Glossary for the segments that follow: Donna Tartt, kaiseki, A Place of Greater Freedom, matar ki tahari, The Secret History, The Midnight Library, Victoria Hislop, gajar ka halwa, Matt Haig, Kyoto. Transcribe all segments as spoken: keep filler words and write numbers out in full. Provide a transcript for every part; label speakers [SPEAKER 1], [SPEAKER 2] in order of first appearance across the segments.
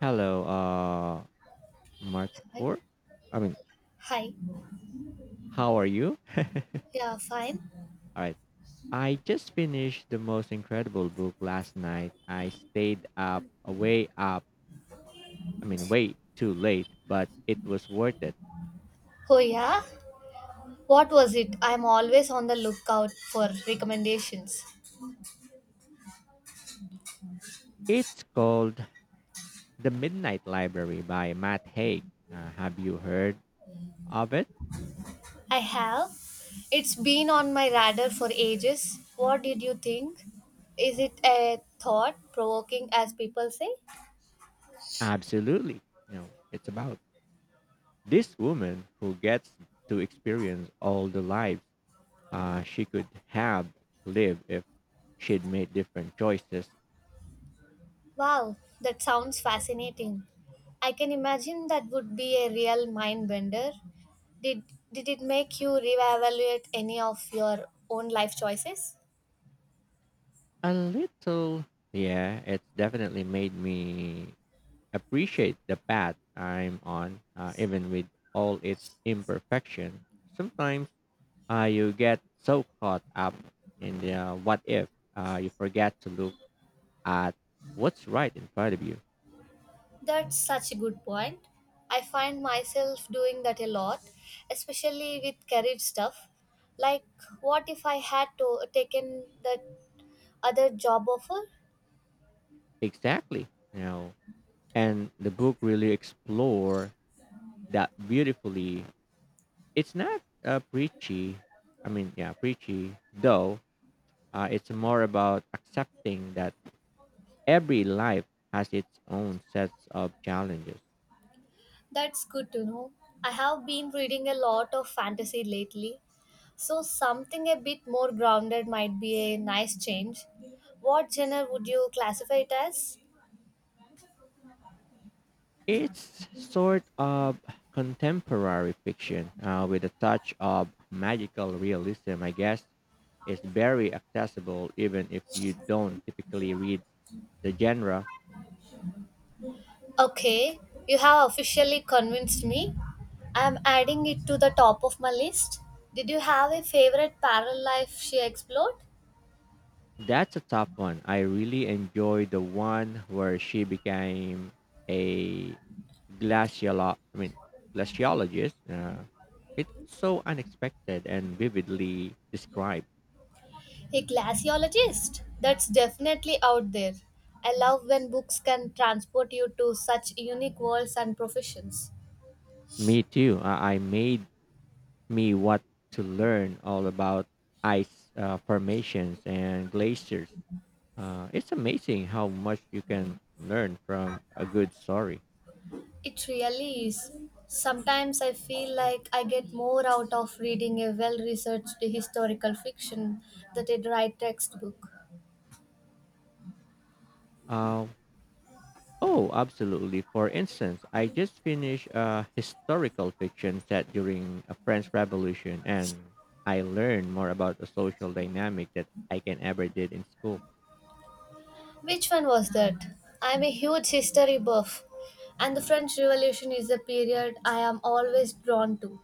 [SPEAKER 1] Hello, uh, Mark
[SPEAKER 2] Hi.
[SPEAKER 1] Four. I mean,
[SPEAKER 2] Hi.
[SPEAKER 1] how are you?
[SPEAKER 2] Yeah, fine.
[SPEAKER 1] All right. I just finished the most incredible book last night. I stayed up, uh, way up. I mean, way too late, but it was worth it.
[SPEAKER 2] Oh, yeah? What was it? I'm always on the lookout for recommendations.
[SPEAKER 1] It's called The Midnight Library by Matt Haig. Uh, have you heard of it?
[SPEAKER 2] I have. It's been on my radar for ages. What did you think? Is it a thought provoking, as people say?
[SPEAKER 1] Absolutely. You know, it's about this woman who gets to experience all the lives uh, she could have lived if she'd made different choices.
[SPEAKER 2] Wow, that sounds fascinating. I can imagine that would be a real mind bender. Did, did it make you reevaluate any of your own life choices?
[SPEAKER 1] A little. Yeah, it's definitely made me appreciate the path I'm on, uh, even with all its imperfection. Sometimes uh, you get so caught up in the uh, what if, uh, you forget to look at what's right in front of you.
[SPEAKER 2] That's such a good point. I find myself doing that a lot, especially with career stuff. Like, what if I had to taken that other job offer?
[SPEAKER 1] Exactly. You know, and the book really explore that beautifully. It's not uh, preachy. I mean, yeah, preachy though. Uh, it's more about accepting that every life has its own sets of challenges.
[SPEAKER 2] That's good to know. I have been reading a lot of fantasy lately, so something a bit more grounded might be a nice change. What genre would you classify it as?
[SPEAKER 1] It's sort of contemporary fiction uh, with a touch of magical realism, I guess. It's very accessible even if you don't typically read the genre.
[SPEAKER 2] Okay, you have officially convinced me. I'm adding it to the top of my list. Did you have a favorite parallel life she explored?
[SPEAKER 1] That's a tough one. I really enjoyed the one where she became a glaciolo- I mean, glaciologist. Uh, it's so unexpected and vividly described.
[SPEAKER 2] A glaciologist? That's definitely out there. I love when books can transport you to such unique worlds and professions.
[SPEAKER 1] Me too. I I made me what to learn all about ice uh, formations and glaciers. Uh, it's amazing how much you can learn from a good story.
[SPEAKER 2] It really is. Sometimes I feel like I get more out of reading a well researched historical fiction than a dry textbook.
[SPEAKER 1] Uh, oh, absolutely. For instance, I just finished a historical fiction set during a French Revolution, and I learned more about the social dynamic that I can ever did in school.
[SPEAKER 2] Which one was that? I'm a huge history buff, and the French Revolution is a period I am always drawn to.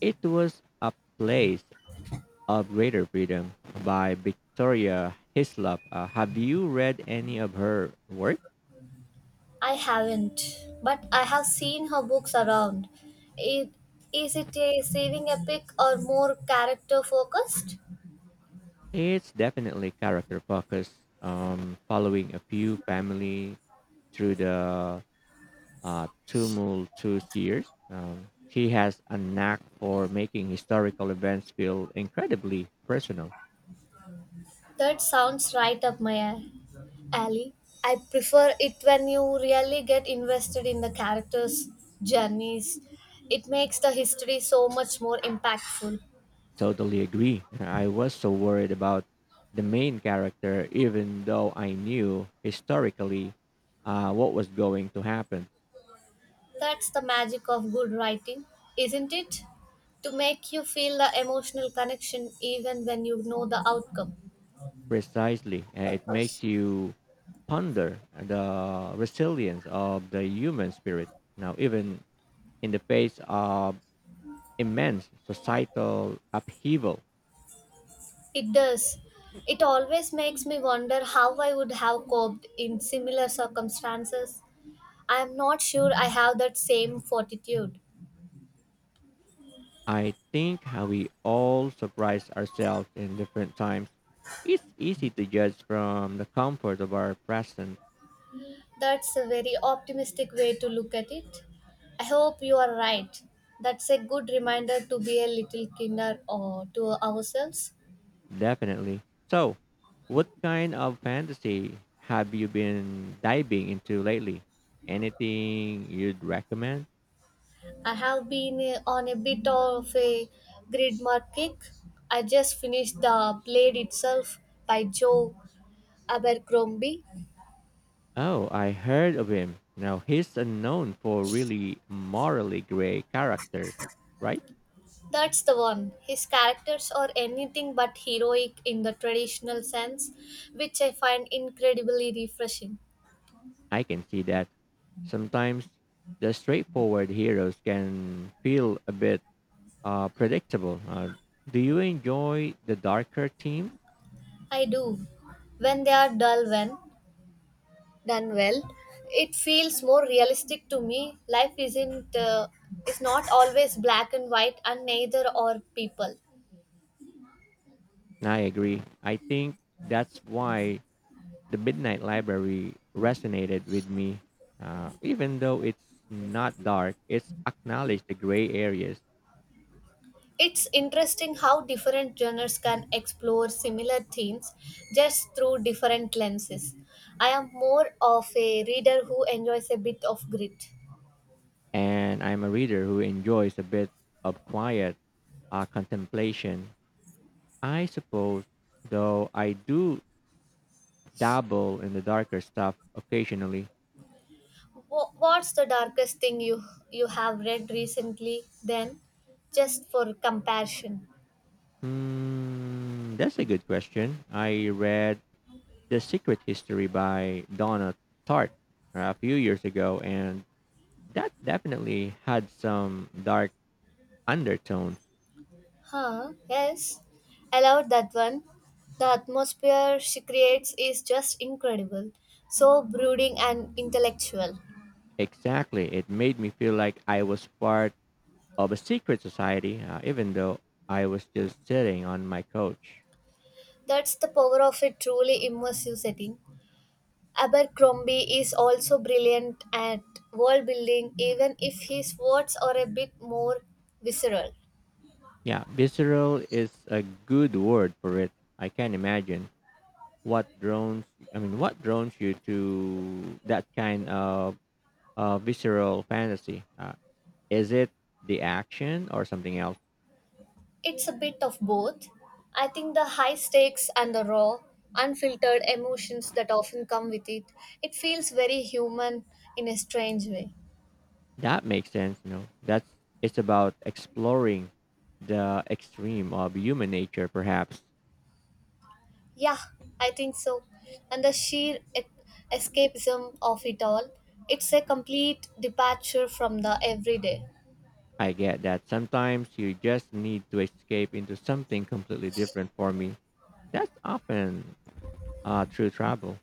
[SPEAKER 1] It was a place of Greater Freedom by Victoria Hislop. Uh, have you read any of her work?
[SPEAKER 2] I haven't, but I have seen her books around. It, is it a saving epic or more character focused?
[SPEAKER 1] It's definitely character focused, um, following a few family through the uh, tumultuous years. Um, she has a knack for making historical events feel incredibly personal.
[SPEAKER 2] That sounds right up my a- alley. I prefer it when you really get invested in the characters' journeys. It makes the history so much more impactful.
[SPEAKER 1] Totally agree. I was so worried about the main character, even though I knew historically uh, what was going to happen.
[SPEAKER 2] That's the magic of good writing, isn't it? To make you feel the emotional connection even when you know the outcome.
[SPEAKER 1] Precisely. Uh, it makes you ponder the resilience of the human spirit. Now, even in the face of immense societal upheaval,
[SPEAKER 2] It does. It always makes me wonder how I would have coped in similar circumstances. I am not sure I have that same fortitude.
[SPEAKER 1] I think how we all surprise ourselves in different times. It's easy to judge from the comfort of our present,
[SPEAKER 2] That's a very optimistic way to look at it. I hope you are right. That's a good reminder to be a little kinder or to ourselves.
[SPEAKER 1] definitely. So, what kind of fantasy have you been diving into lately? Anything you'd recommend?
[SPEAKER 2] I have been uh, on a bit of a grid mark kick. I just finished The Blade Itself by Joe Abercrombie.
[SPEAKER 1] Oh, I heard of him. Now he's unknown for really morally gray characters, right?
[SPEAKER 2] That's the one. His characters are anything but heroic in the traditional sense, which I find incredibly refreshing.
[SPEAKER 1] I can see that. Sometimes the straightforward heroes can feel a bit uh, predictable. Uh, do you enjoy the darker themes?
[SPEAKER 2] I do. When they are dull, when done well, it feels more realistic to me. Life isn't uh, is not always black and white, and neither are people.
[SPEAKER 1] I agree. I think that's why the Midnight Library resonated with me. Uh, even though it's not dark, it's acknowledged the gray areas.
[SPEAKER 2] It's interesting how different genres can explore similar themes just through different lenses. I am more of a reader who enjoys a bit of grit.
[SPEAKER 1] And I'm a reader who enjoys a bit of quiet uh, contemplation, I suppose, though I do dabble in the darker stuff occasionally.
[SPEAKER 2] Wh- What's the darkest thing you you have read recently then? Just for comparison.
[SPEAKER 1] Hmm, that's a good question. I read The Secret History by Donna Tartt uh, a few years ago, and that definitely had some dark undertones.
[SPEAKER 2] Huh, yes. I love that one. The atmosphere she creates is just incredible. So brooding and intellectual.
[SPEAKER 1] Exactly. It made me feel like I was part of a secret society, uh, even though I was just sitting on my couch.
[SPEAKER 2] That's the power of a truly immersive setting. Abercrombie is also brilliant at world building, even if his words are a bit more visceral.
[SPEAKER 1] Yeah, visceral is a good word for it. I can imagine what drones. I mean, what drones you to that kind of uh, visceral fantasy? Uh, is it the action or something else?
[SPEAKER 2] It's a bit of both. I think the high stakes and the raw, unfiltered emotions that often come with it, it feels very human in a strange way.
[SPEAKER 1] That makes sense. You know, that's it's about exploring the extreme of human nature, perhaps.
[SPEAKER 2] Yeah, I think so. And the sheer e- escapism of it all, it's a complete departure from the everyday.
[SPEAKER 1] I get that sometimes you just need to escape into something completely different for me. That's often uh, through travel.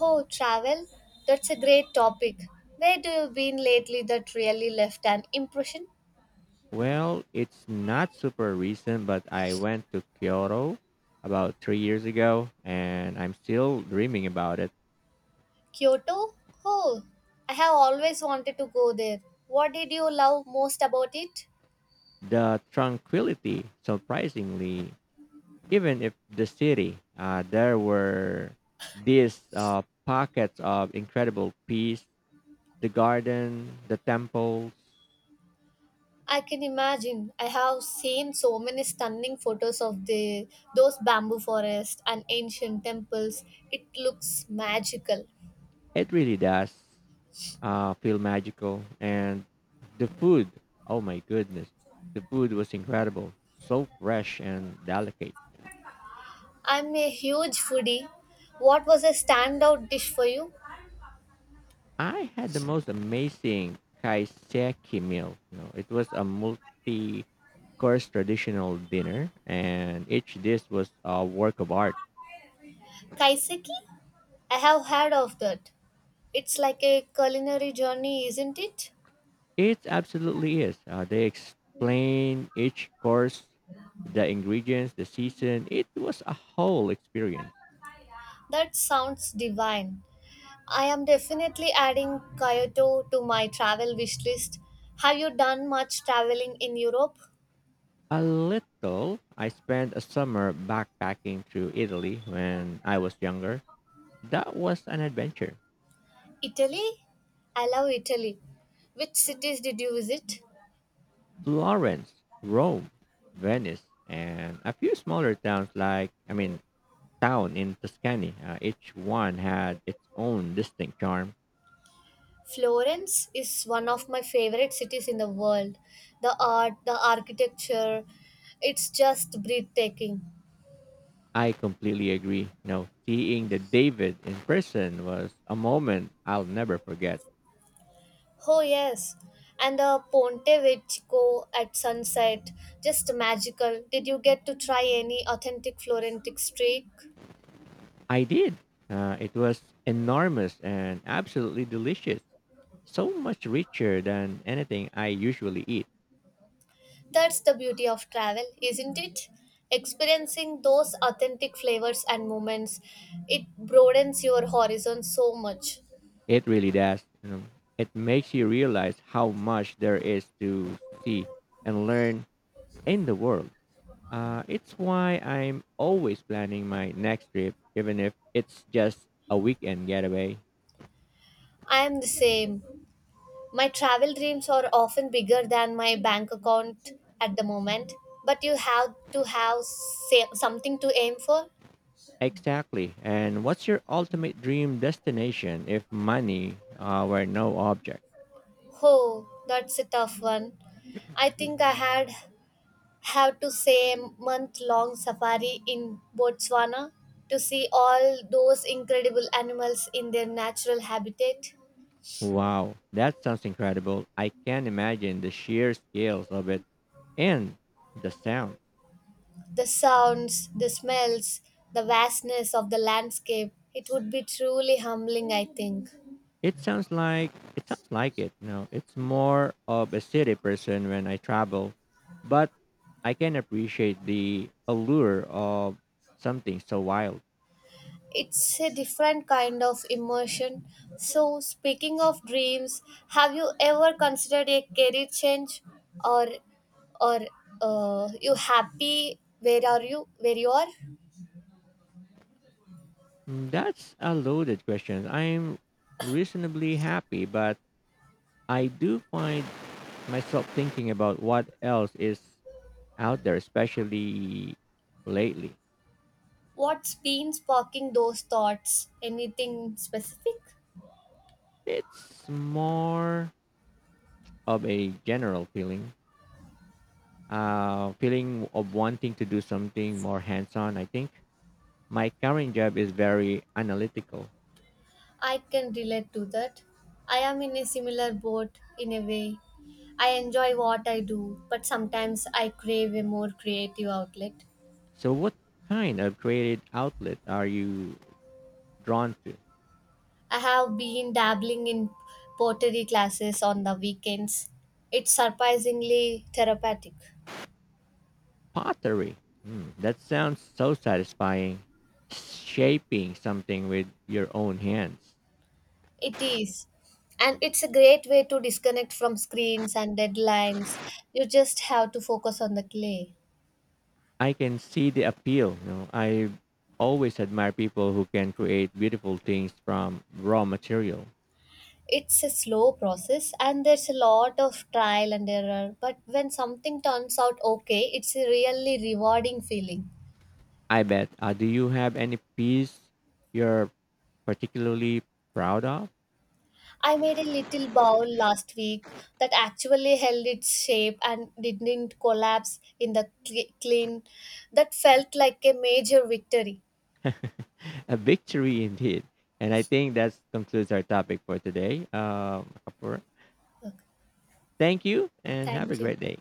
[SPEAKER 2] Oh, travel? That's a great topic. Where do you been lately that really left an impression?
[SPEAKER 1] Well, it's not super recent, but I went to Kyoto about three years ago and I'm still dreaming about it.
[SPEAKER 2] Kyoto? Oh, I have always wanted to go there. What did you love most about it?
[SPEAKER 1] The tranquility, surprisingly, even if the city, uh, there were these uh, pockets of incredible peace, the garden, the temples.
[SPEAKER 2] I can imagine. I have seen so many stunning photos of the those bamboo forests and ancient temples. It looks magical.
[SPEAKER 1] It really does uh, feel magical. And the food, oh my goodness, the food was incredible. So fresh and delicate.
[SPEAKER 2] I'm a huge foodie. What was a standout dish for you?
[SPEAKER 1] I had the most amazing kaiseki meal. You know, it was a multi-course traditional dinner, and each dish was a work of art.
[SPEAKER 2] Kaiseki? I have heard of that. It's like a culinary journey, isn't it?
[SPEAKER 1] It absolutely is. Uh, they explain each course, the ingredients, the season. It was a whole experience.
[SPEAKER 2] That sounds divine. I am definitely adding Kyoto to my travel wish list. Have you done much traveling in Europe?
[SPEAKER 1] A little. I spent a summer backpacking through Italy when I was younger. That was an adventure.
[SPEAKER 2] Italy? I love Italy. Which cities did you visit?
[SPEAKER 1] Florence, Rome, Venice, and a few smaller towns like, I mean, town in Tuscany. Uh, each one had its own distinct charm.
[SPEAKER 2] Florence is one of my favorite cities in the world. The art, the architecture, it's just breathtaking.
[SPEAKER 1] I completely agree. You know, seeing the David in person was a moment I'll never forget.
[SPEAKER 2] Oh, yes. And the Ponte Vecchio at sunset, just magical. Did you get to try any authentic Florentine streak?
[SPEAKER 1] I did. Uh, it was enormous and absolutely delicious, so much richer than anything I usually eat.
[SPEAKER 2] That's the beauty of travel, isn't it? Experiencing those authentic flavors and moments, it broadens your horizon so much.
[SPEAKER 1] It really does. You know, it makes you realize how much there is to see and learn in the world. Uh, it's why I'm always planning my next trip, even if it's just a weekend getaway.
[SPEAKER 2] I am the same. My travel dreams are often bigger than my bank account at the moment, but you have to have sa- something to aim for.
[SPEAKER 1] Exactly. And what's your ultimate dream destination if money uh, were no object?
[SPEAKER 2] Oh, that's a tough one. I think I had have to say a month long safari in Botswana to see all those incredible animals in their natural habitat.
[SPEAKER 1] Wow, that sounds incredible. I can imagine the sheer scales of it and the sound.
[SPEAKER 2] The sounds, the smells, the vastness of the landscape. It would be truly humbling, I think.
[SPEAKER 1] It sounds like it sounds like it. No, it's more of a city person when I travel, but I can appreciate the allure of something so wild.
[SPEAKER 2] It's a different kind of immersion. So, speaking of dreams, have you ever considered a career change, or, or uh, you happy where are you where you are?
[SPEAKER 1] Mm, that's a loaded question. I'm reasonably happy, but I do find myself thinking about what else is out there, especially lately.
[SPEAKER 2] What's been sparking those thoughts? Anything specific?
[SPEAKER 1] It's more of a general feeling, uh, feeling of wanting to do something more hands-on. I think my current job is very analytical.
[SPEAKER 2] I can relate to that. I am in a similar boat in a way. I enjoy what I do, but sometimes I crave a more creative outlet.
[SPEAKER 1] So, what kind of creative outlet are you drawn to?
[SPEAKER 2] I have been dabbling in pottery classes on the weekends. It's surprisingly therapeutic.
[SPEAKER 1] Pottery. Hmm, that sounds so satisfying. Shaping something with your own hands.
[SPEAKER 2] It is. And it's a great way to disconnect from screens and deadlines. You just have to focus on the clay.
[SPEAKER 1] I can see the appeal. You know, I always admire people who can create beautiful things from raw material.
[SPEAKER 2] It's a slow process and there's a lot of trial and error, but when something turns out okay, it's a really rewarding feeling.
[SPEAKER 1] I bet. Uh, do you have any piece you're particularly proud of?
[SPEAKER 2] I made a little bowl last week that actually held its shape and didn't collapse in the cl- clean. That felt like a major victory.
[SPEAKER 1] A victory indeed. And I think that concludes our topic for today. Um, Kapur,
[SPEAKER 2] Okay.
[SPEAKER 1] thank you and have a
[SPEAKER 2] Thank you.
[SPEAKER 1] great day.